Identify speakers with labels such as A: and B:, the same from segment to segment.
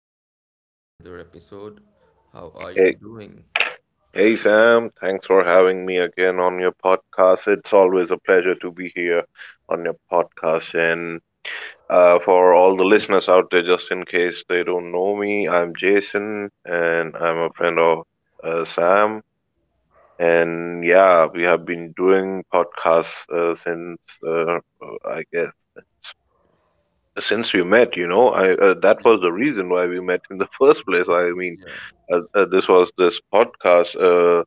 A: welcome back to another episode. How are you
B: Hey,
A: doing?
B: hey Sam, thanks for having me again on your podcast. It's always a pleasure to be here on your podcast. And for all the listeners out there, just in case they don't know me, I'm Jason and I'm a friend of Sam. And yeah, we have been doing podcasts since, uh, I guess, since we met, you know. I That
A: Yeah,
B: was the reason why we met in the first place. I mean,
A: yeah,
B: this was this podcast.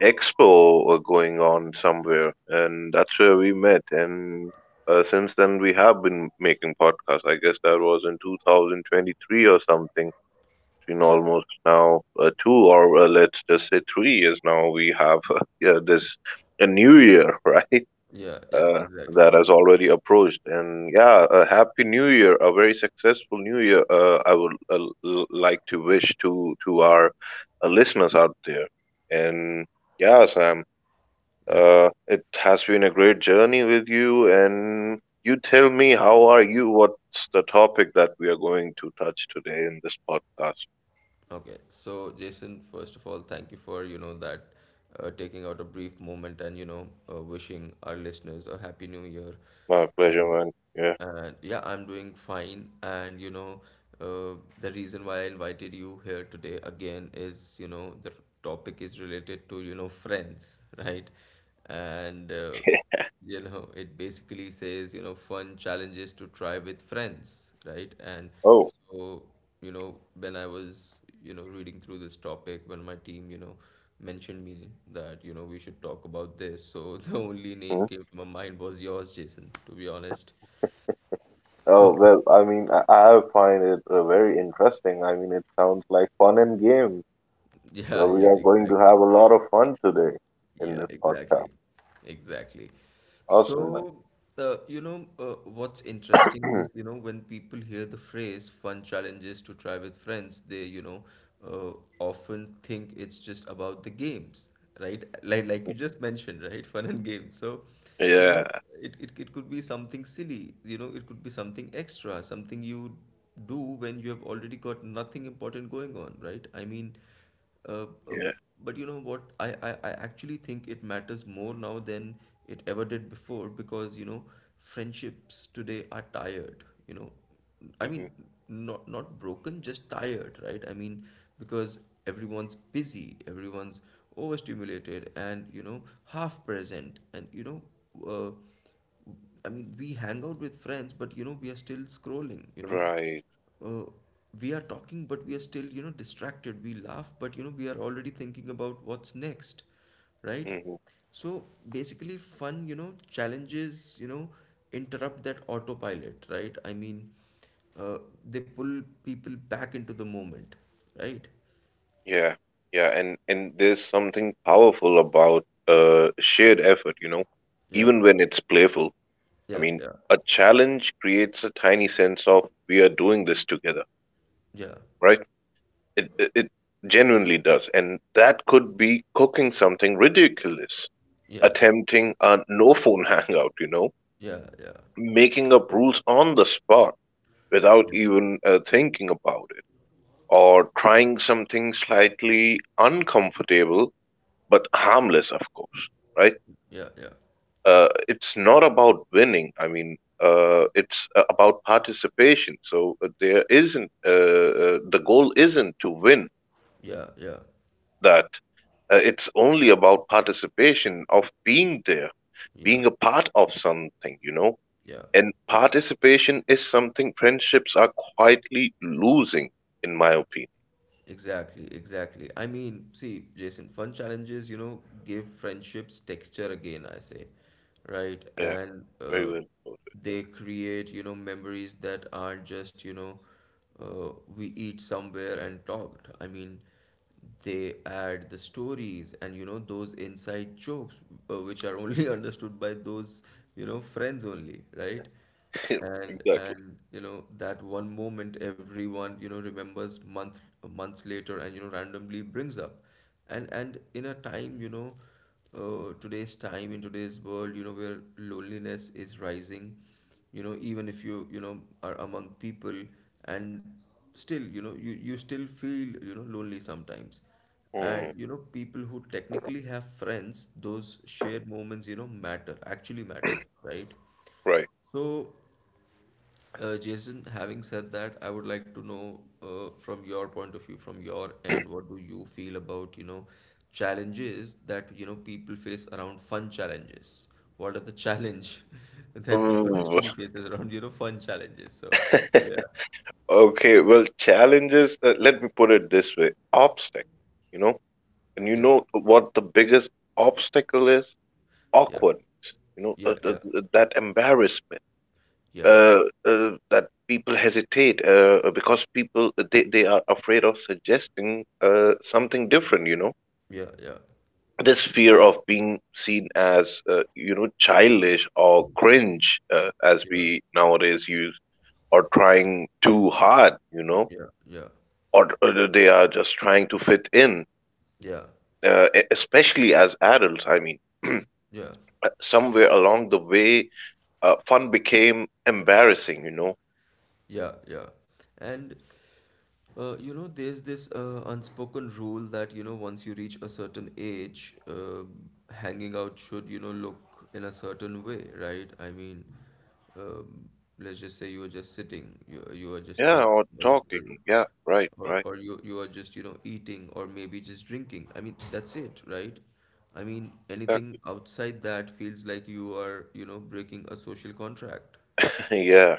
B: Expo going on somewhere, and that's where we met. And since then, we have been making podcasts. I guess that was in 2023 or something. It's been
A: yeah,
B: almost now two, or let's just say 3 years now. We have yeah, this a new year, right?
A: yeah,
B: Uh, that
A: Exactly.
B: has already approached, and yeah, a happy new year, a very successful new year. I would like to wish to our listeners out there, and yeah, Sam.
A: Yeah.
B: It has been a great journey with you, and you tell me how are you? What's the topic that we are going to touch today in this podcast?
A: Okay, so Jason, first of all, thank you for you know that taking out a brief moment and wishing our listeners a happy new year.
B: My pleasure,
A: Uh,
B: man. Yeah.
A: and yeah, I'm doing fine. And the reason why I invited you here today again is the topic is related to friends, right? And you know it basically says fun challenges to try with friends, right? And
B: Oh,
A: so when I was reading through this topic, when my team mentioned me that we should talk about this, so the only name
B: mhm.
A: came to my mind was yours, Jason, to be honest.
B: Oh well. I mean, I find it very interesting. I mean, it sounds like fun and games. So
A: yeah
B: we
A: yeah
B: are going to
A: exactly.
B: have a lot of fun today in
A: Yeah,
B: this podcast.
A: exactly. Exactly.
B: Awesome,
A: So, what's interesting
B: man.
A: is, when people hear the phrase fun challenges to try with friends, they, uh, often think it's just about the games, right? Like you just mentioned, right? Fun and games. So, you
B: Yeah.
A: know, it could be something silly, it could be something extra, something you do when you have already got nothing important going on, right? Uh, uh,
B: Yeah.
A: but you know what? I actually think it matters more now than it ever did before because, friendships today are tired, you know. I mean,
B: Hmm.
A: not broken, just tired, right? I mean, because everyone's busy, everyone's overstimulated, and, half present and, uh, I mean, we hang out with friends, but you know, we are still scrolling,
B: Right.
A: uh, we are talking, but we are still you know distracted. We laugh, but you know we are already thinking about what's next, right?
B: Mm-hmm.
A: So basically fun you know challenges you know interrupt that autopilot, right? Uh, they pull people back into the moment, right?
B: Yeah, yeah, and there's something powerful about shared effort, you know,
A: yeah
B: even when it's playful. I
A: yeah
B: mean,
A: yeah
B: a challenge creates a tiny sense of we are doing this together,
A: yeah
B: right? It genuinely does, and that could be cooking something ridiculous,
A: yeah
B: attempting a no phone hangout, you know,
A: yeah yeah
B: making up rules on the spot without
A: yeah
B: even thinking about it, or trying something slightly uncomfortable but harmless, of course, right?
A: yeah yeah
B: It's not about winning. I mean, it's about participation. So the goal isn't to win
A: yeah yeah
B: that. It's only about participation of being there,
A: yeah
B: being a part of something, you know.
A: yeah
B: And participation is something friendships are quietly losing, in my opinion.
A: Exactly, exactly. I mean, see, Jason, fun challenges, you know, give friendships texture again, I say, right?
B: Yeah,
A: And
B: very well put.
A: they create, memories that aren't just, we eat somewhere and talked. I mean, they add the stories and you know those inside jokes which are only understood by those you know friends only, right?
B: Exactly.
A: And you know that one moment everyone you know remembers months later and you know randomly brings up. And In a time you know today's time, in today's world, you know where loneliness is rising, you know, even if you you know are among people, and still you know you still feel you know lonely sometimes. And
B: Hmm,
A: you know people who technically have friends, those shared moments you know matter, actually matter, right?
B: right.
A: So Jason, having said that, I would like to know from your point of view, from your end, what do you feel about, challenges that, people face around fun challenges? What are the challenge that people
B: Ooh.
A: actually faces around, fun challenges? So, yeah,
B: Okay, well, challenges, let me put it this way, obstacle, you know, and you
A: yeah,
B: know what the biggest obstacle is?
A: yeah,
B: Awkwardness, you know,
A: yeah, yeah,
B: that embarrassment,
A: yeah,
B: uh, that people hesitate because people they are afraid of suggesting something different, you know.
A: yeah, yeah,
B: This fear of being seen as, you know, childish or cringe, as
A: yeah,
B: we nowadays use, or trying too hard, you know,
A: yeah, yeah, yeah,
B: or they are just trying to fit in,
A: yeah.
B: especially as adults. I mean,
A: yeah.
B: somewhere along the way, fun became embarrassing, you know?
A: Yeah, yeah. And you know, there's this unspoken rule that, once you reach a certain age, hanging out should, look in a certain way, right? I mean, um, let's just say you are just sitting, you are just
B: Yeah, or
A: talking, or, you,
B: talking. Yeah, right,
A: or, or
B: right,
A: or you, you are just, eating, or maybe just drinking. I mean, that's it, right? I mean, anything
B: exactly.
A: outside that feels like you are, breaking a social contract.
B: Yeah,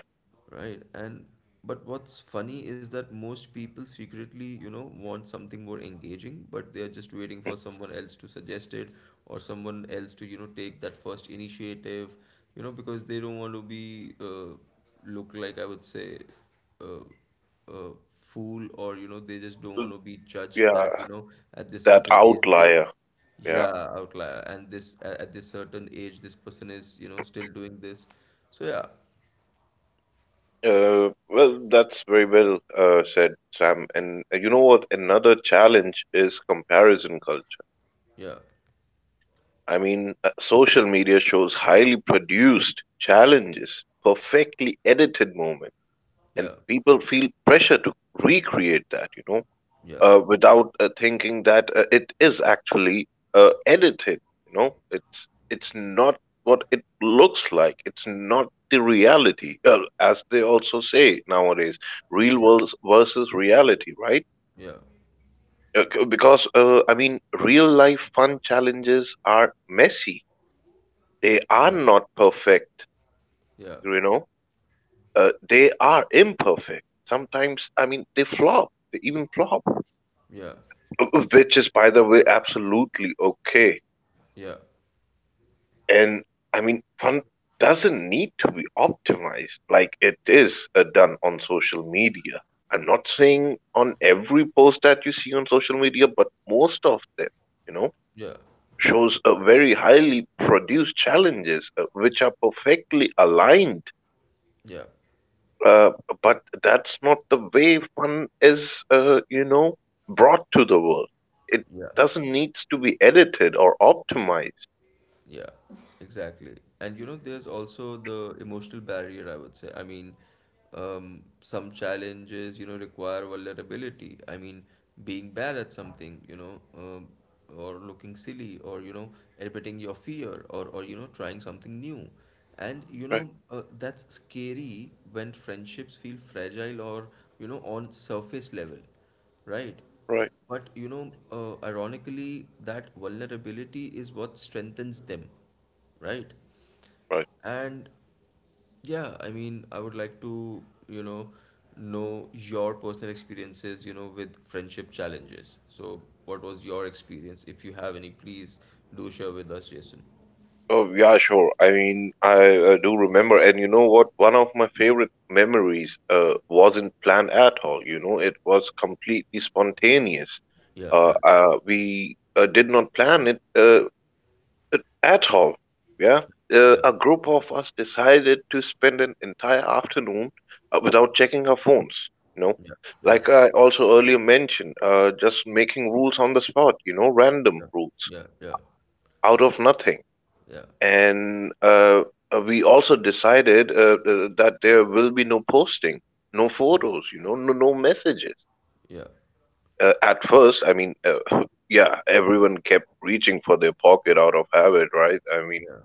A: Right. And but what's funny is that most people secretly, want something more engaging, but they are just waiting for someone else to suggest it, or someone else to, take that first initiative, because they don't want to be look like, I would say, uh, a fool, or you know they just don't want
B: mm,
A: to be judged
B: yeah,
A: that you know at this
B: that
A: certain age this
B: outlier. Yeah.
A: yeah outlier. And this at this certain age, this person is you know still doing this. So yeah,
B: Well, that's very well said, Sam. And you know what? Another challenge is comparison culture.
A: yeah,
B: I mean, social media shows highly produced challenges, perfectly edited moments, and
A: yeah.
B: people feel pressure to recreate that, you know,
A: Yeah,
B: without thinking that it is actually edited. You know, it's not what it looks like. It's not the reality, as they also say nowadays, real
A: yeah,
B: world versus reality, right?
A: yeah,
B: Because I mean, real life fun challenges are messy, they are
A: yeah,
B: not perfect,
A: yeah,
B: you know. They are imperfect. Sometimes, I mean, they flop. They even flop,
A: yeah,
B: which is, by the way, absolutely okay.
A: yeah,
B: And I mean, fun doesn't need to be optimized like it is done on social media. I'm not saying on every post that you see on social media, but most of them, you know,
A: yeah,
B: shows a very highly produced challenges which are perfectly aligned.
A: yeah,
B: Uh, but that's not the way fun is, you know, brought to the world. It
A: yeah.
B: doesn't needs to be edited or optimized.
A: Yeah, exactly. And you know, there's also the emotional barrier, I would say. I mean, some challenges, you know, require vulnerability. I mean, being bad at something, or looking silly, or, admitting your fear, or, you know, trying something new. And,
B: Right,
A: that's scary when friendships feel fragile, or, on surface level, right?
B: right,
A: But you know, ironically, that vulnerability is what strengthens them, right?
B: right.
A: And yeah, I mean, I would like to, you know, know your personal experiences, with friendship challenges. So, what was your experience? If you have any, please do share with us, Jason.
B: Oh, yeah, sure. I mean, I do remember, and you know what? One of my favorite memories wasn't planned at all. You know, it was completely spontaneous.
A: Yeah,
B: Uh,
A: yeah,
B: uh, we uh, did not plan it. At all, yeah.
A: yeah,
B: A group of us decided to spend an entire afternoon without checking our phones. You know,
A: yeah, yeah,
B: like I also earlier mentioned, just making rules on the spot. You know, random rules
A: yeah, yeah,
B: out of nothing.
A: yeah,
B: And we also decided that there will be no posting, no photos. You know, no messages.
A: yeah, yeah,
B: At first, I mean, yeah, everyone kept reaching for their pocket out of habit, right? I mean,
A: yeah,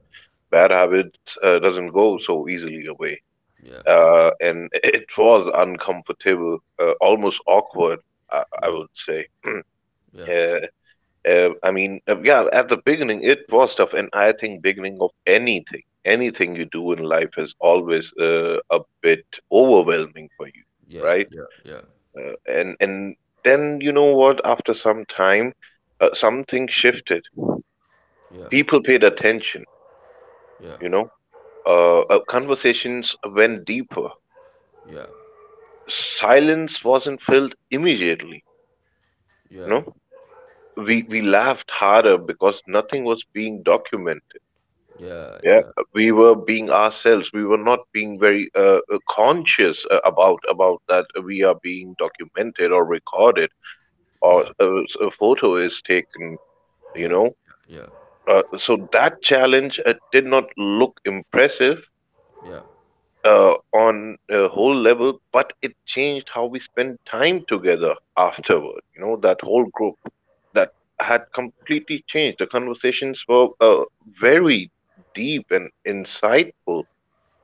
B: bad habits doesn't go so easily away.
A: yeah, yeah,
B: And it was uncomfortable, almost awkward, I,
A: yeah,
B: I
A: yeah, yeah,
B: would say. Yeah, I mean, yeah, at the beginning it was tough, and I think beginning of anything, anything you do in life is always a bit overwhelming for you,
A: yeah,
B: right?
A: yeah, yeah,
B: And then you know what? After some time, something shifted.
A: yeah,
B: People paid attention,
A: yeah.
B: you know. Conversations went deeper.
A: yeah.
B: Silence wasn't filled immediately. You
A: Yeah,
B: know, we laughed harder because nothing was being documented.
A: yeah,
B: Yeah,
A: yeah,
B: we were being ourselves. We were not being very conscious about that we are being documented or recorded or
A: yeah,
B: a photo is taken. You
A: yeah,
B: know,
A: yeah,
B: so that challenge did not look impressive.
A: yeah,
B: On a whole level, but it changed how we spent time together afterward. You know, that whole group that had completely changed. The conversations were very deep and insightful,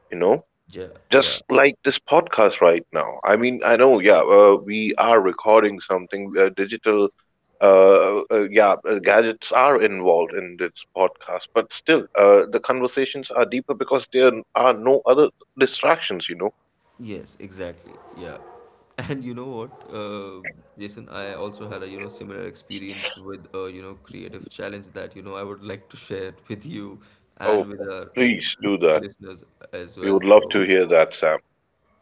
B: you know,
A: yeah, yeah.
B: just like this podcast right now. I mean, I know, yeah, we are recording something digital. Yeah, gadgets are involved in this podcast, but still, the conversations are deeper because there are no other distractions, you know.
A: Yes, exactly. Yeah. And Jason, I also had a, similar experience with a, creative challenge that, I would like to share with you and
B: Oh,
A: with our
B: please do that.
A: listeners as
B: We
A: well.
B: would love
A: So,
B: to hear that, Sam.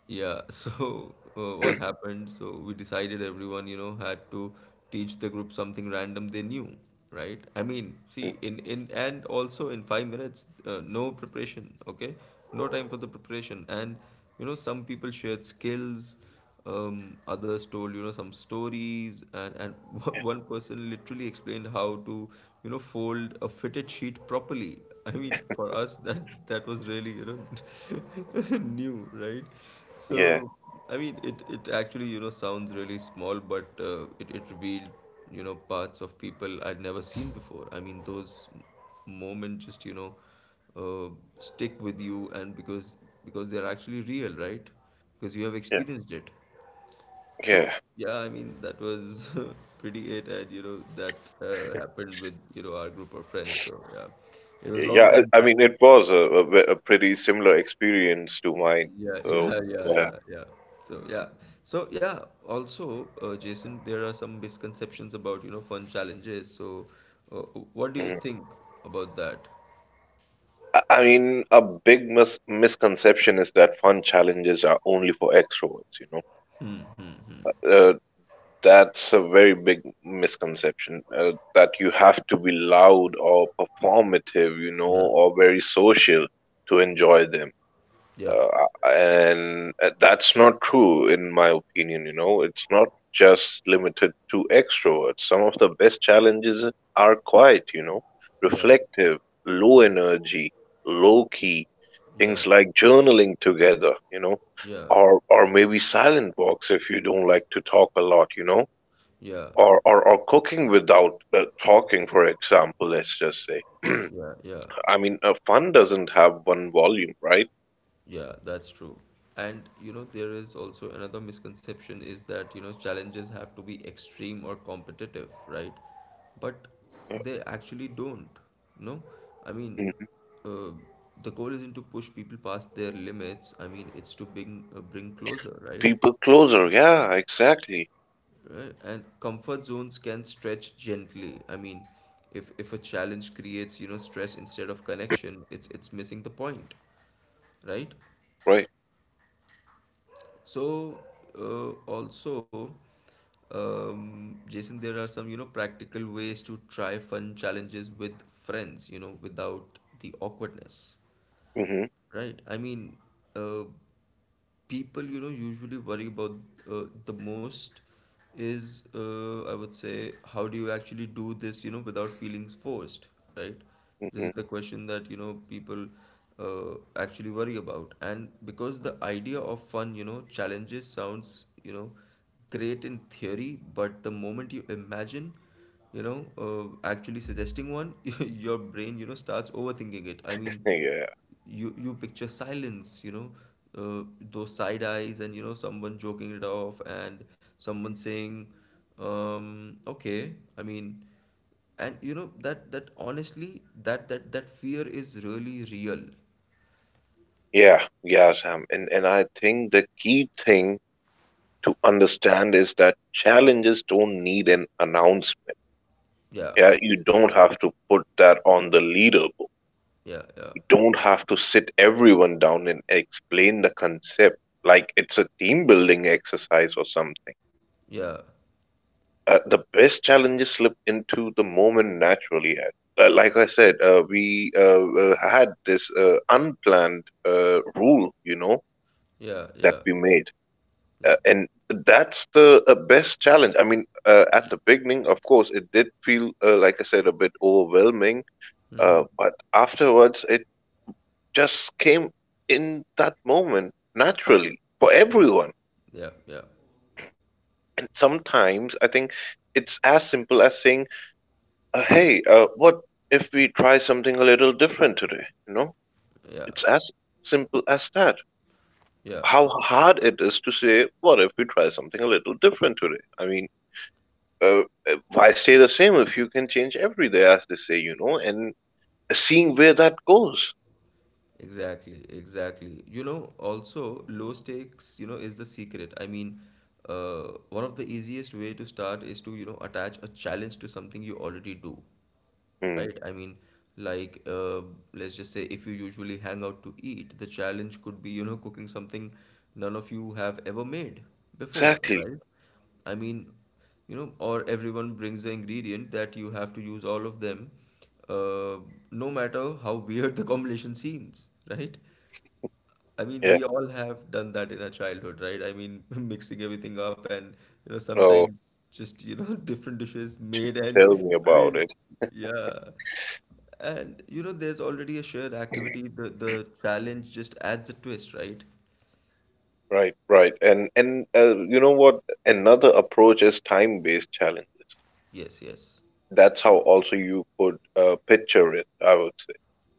A: yeah, so what happened? So we decided everyone, had to teach the group something random they knew, right? I mean,
B: Mm.
A: see, in and also in 5 minutes, no preparation, okay? No time for the preparation, and some people shared skills, others told you know some stories, and one person literally explained how to you know fold a fitted sheet properly. I mean, for us, that was really you know new, right? So
B: Yeah,
A: I mean, it actually you know sounds really small, but it, it revealed you know parts of people I'd never seen before. I mean, those moments just you know uh, stick with you, and because they're actually real, right? Because you have
B: yeah,
A: experienced it.
B: yeah,
A: So yeah, I mean, that was pretty it, and you know that happened with you know our group of friends. So yeah, it was a long
B: yeah.
A: time
B: I
A: back.
B: mean, it was a pretty similar experience to mine.
A: Yeah,
B: So yeah.
A: So yeah, so yeah. Also, Jason, there are some misconceptions about you know fun challenges. So, uh, what do you
B: Mhm.
A: think about that?
B: I mean, a big misconception is that fun challenges are only for extroverts, you know. Uh, That's a very big misconception that you have to be loud or performative, you know,
A: Yeah,
B: or very social to enjoy them.
A: yeah,
B: And That's not true, in my opinion, you know. It's not just limited to extroverts. Some of the best challenges are quiet, you know,
A: yeah,
B: reflective, low
A: yeah,
B: energy, low key, things
A: yeah,
B: like journaling together, you know,
A: yeah,
B: or maybe silent walks if you don't like to talk a lot, you know,
A: yeah,
B: or or cooking without talking, for example, let's just say.
A: yeah, yeah.
B: I mean, fun doesn't have one volume, right?
A: Yeah, that's true. And you know, there is also another misconception is that you know challenges have to be extreme or competitive, right? But they actually don't. No, I mean,
B: Mhm.
A: uh, the goal isn't to push people past their limits. I mean, it's to bring bring closer, right?
B: People closer, yeah, exactly,
A: Right. And comfort zones can stretch gently. I mean, if a challenge creates you know stress instead of connection, it's missing the point, right?
B: right.
A: So also, Jason, there are some you know practical ways to try fun challenges with friends, you know, without the awkwardness,
B: Hmm.
A: right? I mean, uh, people you know usually worry about the most is I would say how do you actually do this you know without feeling forced, right? This is
B: Hmm.
A: the question that you know people actually worry about. And because the idea of fun you know challenges sounds you know great in theory, but the moment you imagine actually suggesting one, your brain you know starts overthinking it. I mean,
B: Yeah,
A: you picture silence, uh, those side eyes, and you know someone joking it off, and someone saying okay. I mean, and you know that that honestly that fear is really real.
B: yeah, yeah Sam, and I think the key thing to understand is that challenges don't need an announcement.
A: Yeah
B: Yeah, you don't have to put that on the leaderboard.
A: yeah yeah
B: You don't have to sit everyone down and explain the concept like it's a team building exercise or something.
A: yeah
B: The best challenges slip into the moment naturally. Ed. Like I said, we had this unplanned rule, you know,
A: yeah
B: that
A: yeah
B: we made.
A: yeah
B: And that's the best challenge. I mean, at the beginning, of course, it did feel, like I said, a bit overwhelming. But afterwards, it just came in that moment naturally for
A: yeah
B: everyone.
A: yeah yeah
B: And sometimes I think it's as simple as saying, "Hey, what if we try something a little different today?" You know, it's
A: yeah
B: as simple as that.
A: yeah.
B: How hard it is to say, "What if we try something a little different today?" I mean, uh, why stay the same if you can change every day, as they say, you know? And seeing where that goes.
A: Exactly, exactly. You know, also low stakes, you know, is the secret. I mean, one of the easiest way to start is to, attach a challenge to something you already do,
B: Mm,
A: right? I mean, like, let's just say if you usually hang out to eat, the challenge could be, cooking something none of you have ever made before,
B: exactly.
A: right? I mean, or everyone brings the ingredient that you have to use all of them, uh, no matter how weird the combination seems, right? I mean,
B: Yeah.
A: we all have done that in our childhood, right? I mean, mixing everything up, and,
B: Oh,
A: sometimes just, different dishes made, and,
B: tell me
A: I
B: about
A: mean,
B: it.
A: yeah. And, there's already a shared activity. The challenge just adds a twist, right?
B: Right, right. And you know what? Another approach is time-based challenges.
A: Yes, yes.
B: That's how also you could picture it, I would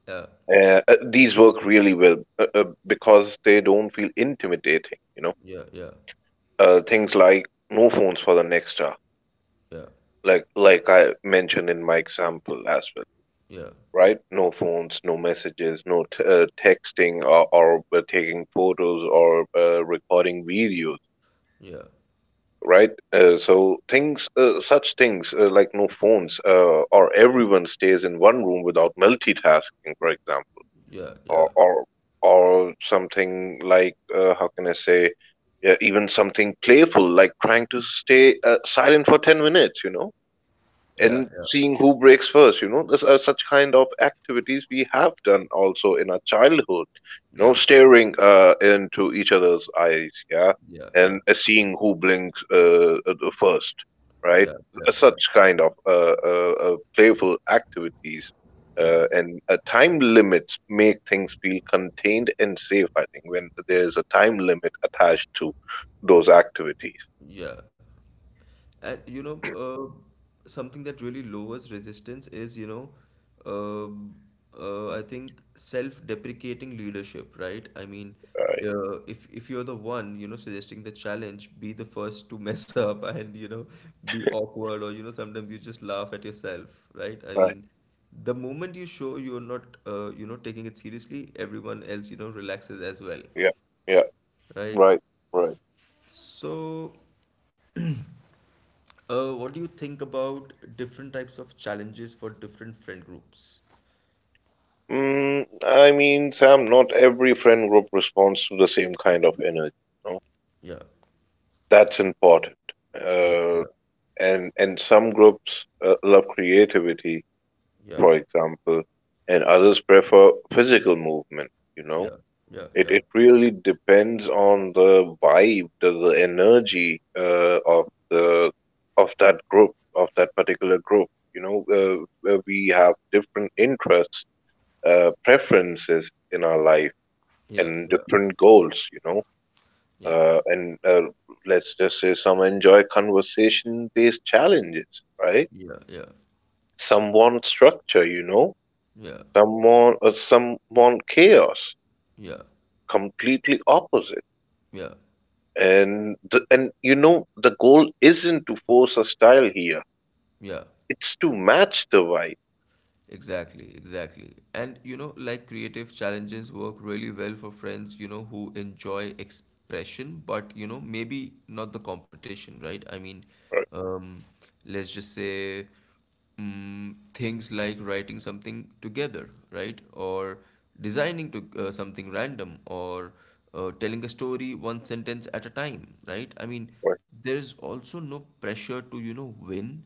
A: Yeah.
B: say. These work really well because they don't feel intimidating, you know.
A: Yeah, yeah.
B: Things like no phones for the next hour,
A: Yeah.
B: like I mentioned in my example as well,
A: Yeah.
B: right? No phones, no messages, no t texting or taking photos or recording videos,
A: Yeah.
B: right? So things, such things like no phones, or everyone stays in one room without multitasking, for example,
A: Yeah, yeah.
B: or or or something like how can I say, even something playful like trying to stay silent for 10 minutes,
A: Yeah,
B: and seeing who breaks first. This are such kind of activities we have done also in our childhood.
A: yeah.
B: Staring into each other's eyes, yeah,
A: Yeah. Yeah, yeah.
B: and
A: Yeah.
B: seeing who blinks the first,
A: Yeah,
B: right.
A: yeah,
B: Uh,
A: yeah.
B: such kind of playful activities,
A: Yeah.
B: and time limits make things feel contained and safe, I think, when there's a time limit attached to those activities,
A: Yeah. And something that really lowers resistance isum I think self-deprecating leadership, right? I mean,
B: right.
A: if you're the one, suggesting the challenge, be the first to mess up and, be awkward or, sometimes you just laugh at yourself, right? I
B: Right.
A: mean, the moment you show you're not, taking it seriously, everyone else, relaxes as well,
B: Yeah, yeah.
A: right?
B: Right, right.
A: So. What do you think about different types of challenges for different friend groups?
B: Mm, I mean, Sam, not every friend group responds to the same kind of energy. You know?
A: Yeah,
B: That's important.
A: yeah, yeah,
B: Uh, and some groups love creativity,
A: yeah,
B: for example, and others prefer physical movement. You know,
A: yeah, yeah,
B: it
A: yeah,
B: it really depends on the vibe, the energy of that group, of that particular group. You know, we have different interests, preferences in our life
A: yeah,
B: and different goals.
A: yeah, yeah,
B: And Let's just say some enjoy conversation based challenges, right?
A: yeah, yeah,
B: Some want structure, you know,
A: yeah,
B: some want chaos,
A: yeah,
B: completely opposite.
A: yeah,
B: And you know the goal isn't to force a style here;
A: yeah.
B: it's to match the vibe,
A: Exactly, exactly. And like creative challenges work really well for friends, who enjoy expression, but maybe not the competition, right? I mean,
B: right?
A: um, let's just say things like writing something together, right? Or designing to something random, or telling a story one sentence at a time, right? I mean, there's also no pressure to, you know, win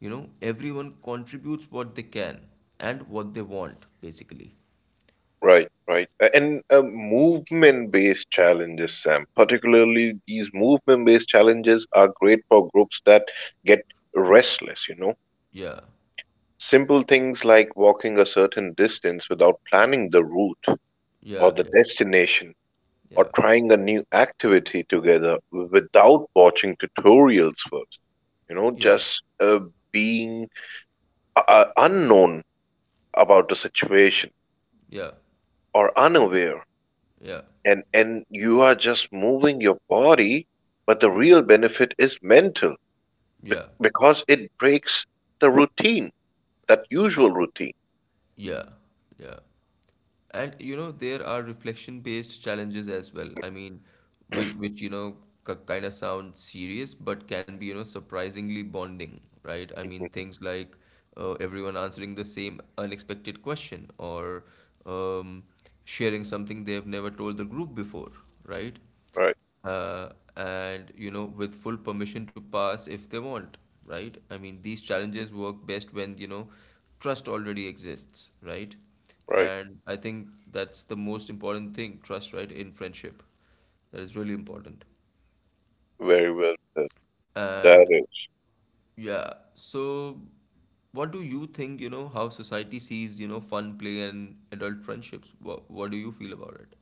A: you know, Everyone contributes what they can and what they want, basically.
B: Right, right. A- And Movement-based challenges, Sam, particularly these movement-based challenges are great for groups that get restless, you know.
A: Yeah,
B: Simple things like walking a certain distance without planning the route
A: yeah,
B: or the
A: yeah,
B: destination, or
A: yeah,
B: trying a new activity together without watching tutorials first, you know,
A: yeah,
B: just being unknown about the situation,
A: yeah,
B: or unaware,
A: yeah,
B: and you are just moving your body, but the real benefit is mental, be-
A: yeah,
B: because it breaks the routine, that usual routine.
A: yeah, yeah. There are reflection-based challenges as well. I mean, which k kind of sound serious, but can be, surprisingly bonding, right? I mean,
B: Mhm.
A: things like everyone answering the same unexpected question or um, sharing something they've never told the group before, right?
B: Right,
A: uh, and with full permission to pass if they want, right? I mean, these challenges work best when trust already exists, right?
B: right.
A: And I think that's the most important thing: trust, right? In friendship, that is really important.
B: Very well said. That
A: And
B: is.
A: yeah, so what do you think, how society sees, fun, play, and adult friendships? What do you feel about it?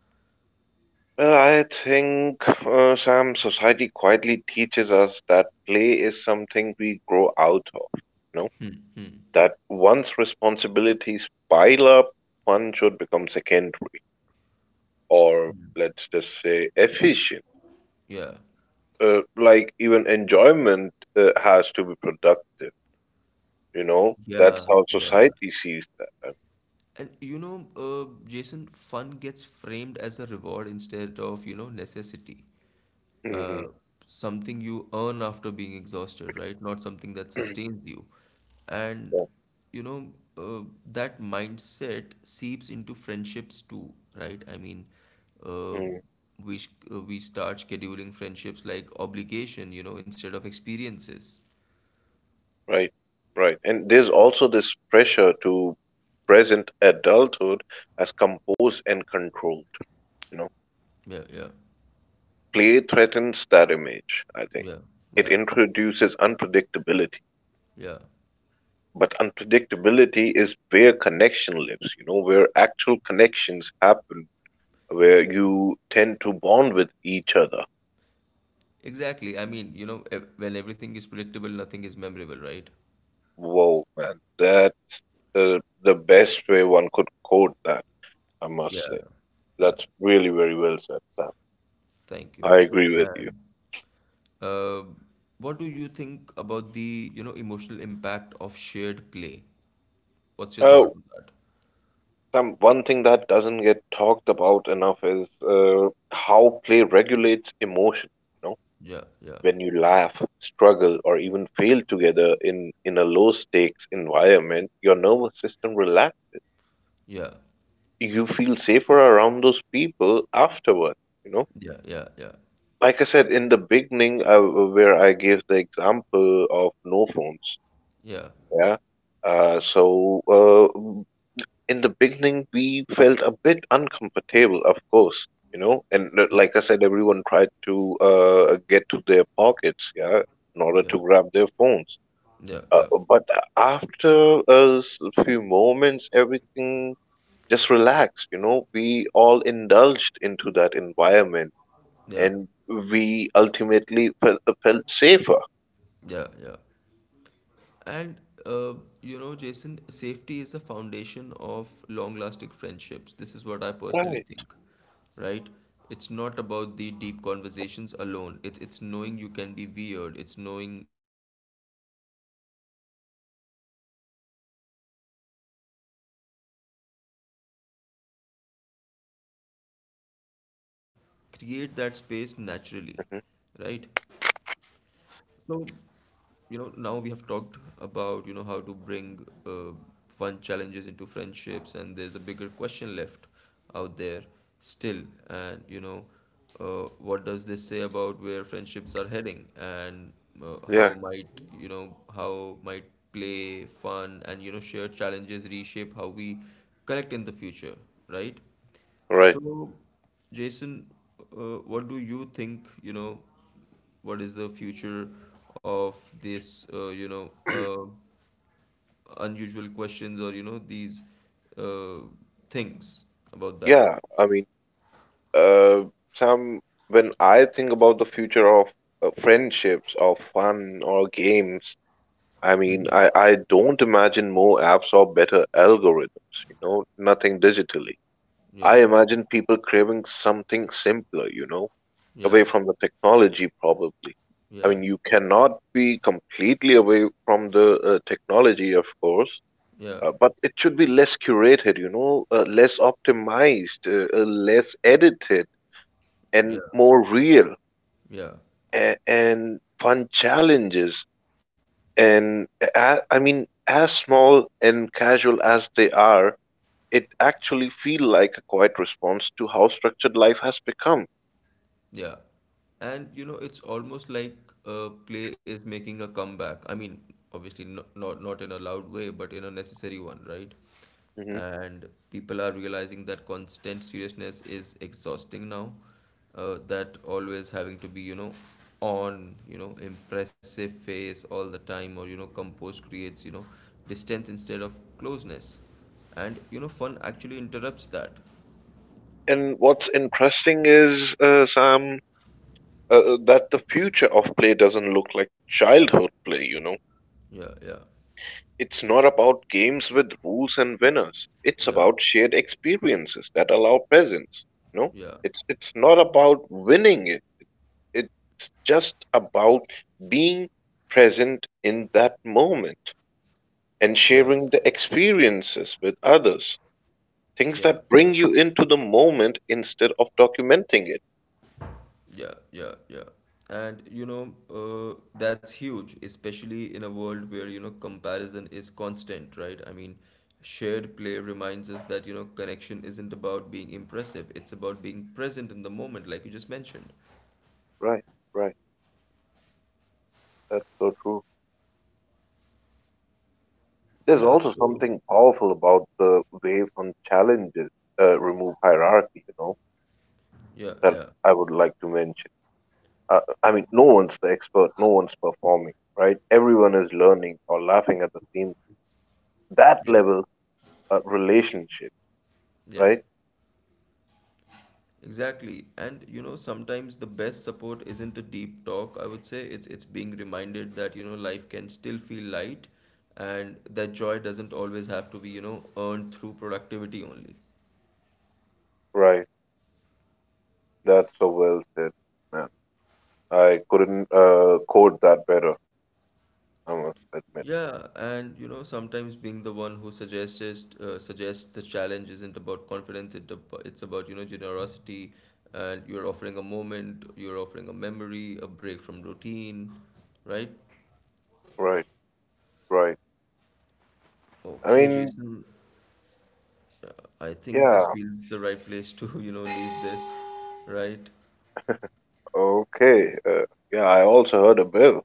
B: Well, I think, Sam, society quietly teaches us that play is something we grow out of, you know,
A: Hmm. Hmm.
B: that once responsibilities pile up, fun should become secondary. Or let's just say efficient.
A: Yeah,
B: Like even enjoyment has to be productive. You know,
A: yeah,
B: that's how
A: yeah.
B: society sees that. I
A: And, Jason, fun gets framed as a reward instead of, necessity. Uh,
B: mean,
A: Something you earn after being exhausted, right? Not something that
B: mhm.
A: sustains you. And,
B: Yeah.
A: you know, uh, that mindset seeps into friendships too, right? I mean, uh,
B: Mm,
A: we start scheduling friendships like obligation, instead of experiences.
B: right, right. And there's also this pressure to present adulthood as composed and controlled. You know,
A: Yeah, yeah,
B: play threatens that image. I think
A: yeah,
B: it
A: yeah,
B: introduces unpredictability.
A: yeah.
B: But unpredictability is where connection lives, you know, where actual connections happen, where you tend to bond with each other.
A: Exactly. I mean, when everything is predictable, nothing is memorable, right?
B: Whoa, man, that's uh, the best way one could quote that, I
A: Yeah.
B: must say.
A: Yeah.
B: That's really very well said, Sam.
A: Thank you,
B: I
A: man.
B: agree with you.
A: And, uh, what do you think about the, emotional impact of shared play? What's your thought
B: Oh,
A: on that?
B: Sam, one thing that doesn't get talked about enough is how play regulates emotion. You know,
A: Yeah, yeah,
B: when you laugh, struggle, or even fail together in a low stakes environment, your nervous system relaxes.
A: yeah,
B: You feel safer around those people afterward, you know.
A: yeah, yeah,
B: Like I said in the beginning, where I gave the example of no phones,
A: yeah,
B: yeah. Uh, so uh, m- in the beginning, we felt a bit uncomfortable, of course, you know. And
A: yeah,
B: like I said, everyone tried to get to their pockets, yeah, in order
A: yeah,
B: to grab their phones.
A: yeah, yeah, yeah,
B: Uh, but after few moments, everything just relaxed, you know. We all indulged into that environment,
A: yeah,
B: and we ultimately felt safer.
A: yeah, yeah. And uh, Jason, safety is the foundation of long-lasting friendships. This is what I personally
B: Right.
A: think, right? It's not about the deep conversations alone. It's knowing you can be weird. It's knowing, you can be imperfect or unfiltered around, someone without consequences.
B: Yeah.
A: And, fun challenges, create that space naturally, right?
B: Mhm.
A: So, now we have talked about, how to bring fun challenges into friendships, and there's a bigger question left out there still. And, what does this say about where friendships are heading, and
B: Yeah.
A: how might, you know how might play, fun, and, shared challenges reshape how we connect in the future, right?
B: Right.
A: So, Jason, what do you think, what is the future of this, uh, unusual questions, or, these uh, things about that?
B: Yeah, I mean, uh, Sam, when I think about the future of friendships, or fun, or games, I mean, I don't imagine more apps or better algorithms, you know, nothing digitally.
A: Yeah,
B: I imagine people craving something simpler, you know,
A: yeah,
B: away from the technology, probably. I
A: yeah,
B: mean, you cannot be completely away from the technology, of course.
A: yeah,
B: But it should be less curated, you know, less optimized, less edited,
A: yeah,
B: and more real.
A: yeah.
B: And fun challenges and, I mean, as small and casual as they are, it actually feel like a quiet response to how structured life has become.
A: Yeah. It's almost like play is making a comeback. I mean, obviously not in a loud way, but in a necessary one, right?
B: Hmm.
A: And people are realizing that constant seriousness is exhausting now. That always having to be, on, impressive face all the time, or composed creates, distance instead of closeness. Fun actually interrupts that.
B: And what's interesting is, Sam, that the future of play doesn't look like childhood play, you know.
A: Yeah, yeah,
B: It's not about games with rules and winners. It's
A: yeah,
B: about shared experiences that allow presence. You know,
A: yeah,
B: it's not about winning it. It's just about being present in that moment
A: yeah.
B: and sharing the experiences with others.
A: Yeah,
B: Things
A: yeah,
B: that bring you into the moment instead of documenting it.
A: yeah, yeah, yeah. That's huge, especially in a world where, comparison is constant, right? I mean, shared play reminds us that, connection isn't about being impressive, it's about being present in the moment, like you just mentioned.
B: Right, right. That's so true. There's
A: Yeah,
B: also
A: so,
B: something powerful about the way fun challenges remove hierarchy, you know,
A: yeah,
B: that
A: yeah,
B: I would like to mention. I mean, no one's the expert, no one's performing, right? Everyone is learning or laughing at the same. That
A: yeah,
B: levels relationship,
A: yeah.
B: right?
A: Exactly. Sometimes the best support isn't a deep talk, I would say. It's being reminded that, life can still feel light and that joy doesn't always have to be, earned through productivity only.
B: Right. That's so well said, man. I couldn't quote that better, I must admit.
A: Yeah, and sometimes being the one who suggests it, suggests the challenge isn't about confidence, it's about, generosity and you're offering a moment, you're offering a memory, a break from routine, right?
B: Right, right. I
A: Okay,
B: mean,
A: Jason. I think this
B: yeah,
A: feels the right place to, leave this, right?
B: okay. Yeah, I also heard a bell.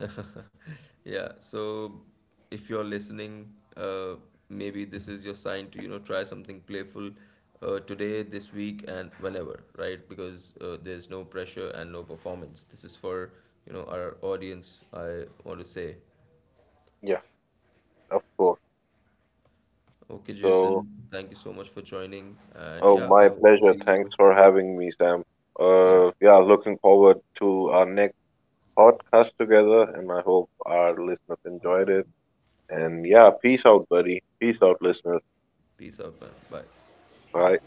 A: Yeah, so if you're listening, uh, maybe this is your sign to, try something playful today, this week, and whenever, right? Because there's no pressure and no performance. This is for, our audience, I want to say.
B: Yeah, of course.
A: Okay,
B: So.
A: Jason, thank you so much for joining. And
B: Oh,
A: yeah, I
B: my
A: hope to
B: pleasure.
A: see
B: Thanks
A: you.
B: for having me, Sam.
A: Yeah,
B: Yeah, looking forward to our next podcast together, and I hope our listeners enjoyed it. And yeah, peace out, buddy. Peace out, listeners.
A: peace out, man. Bye.
B: Bye.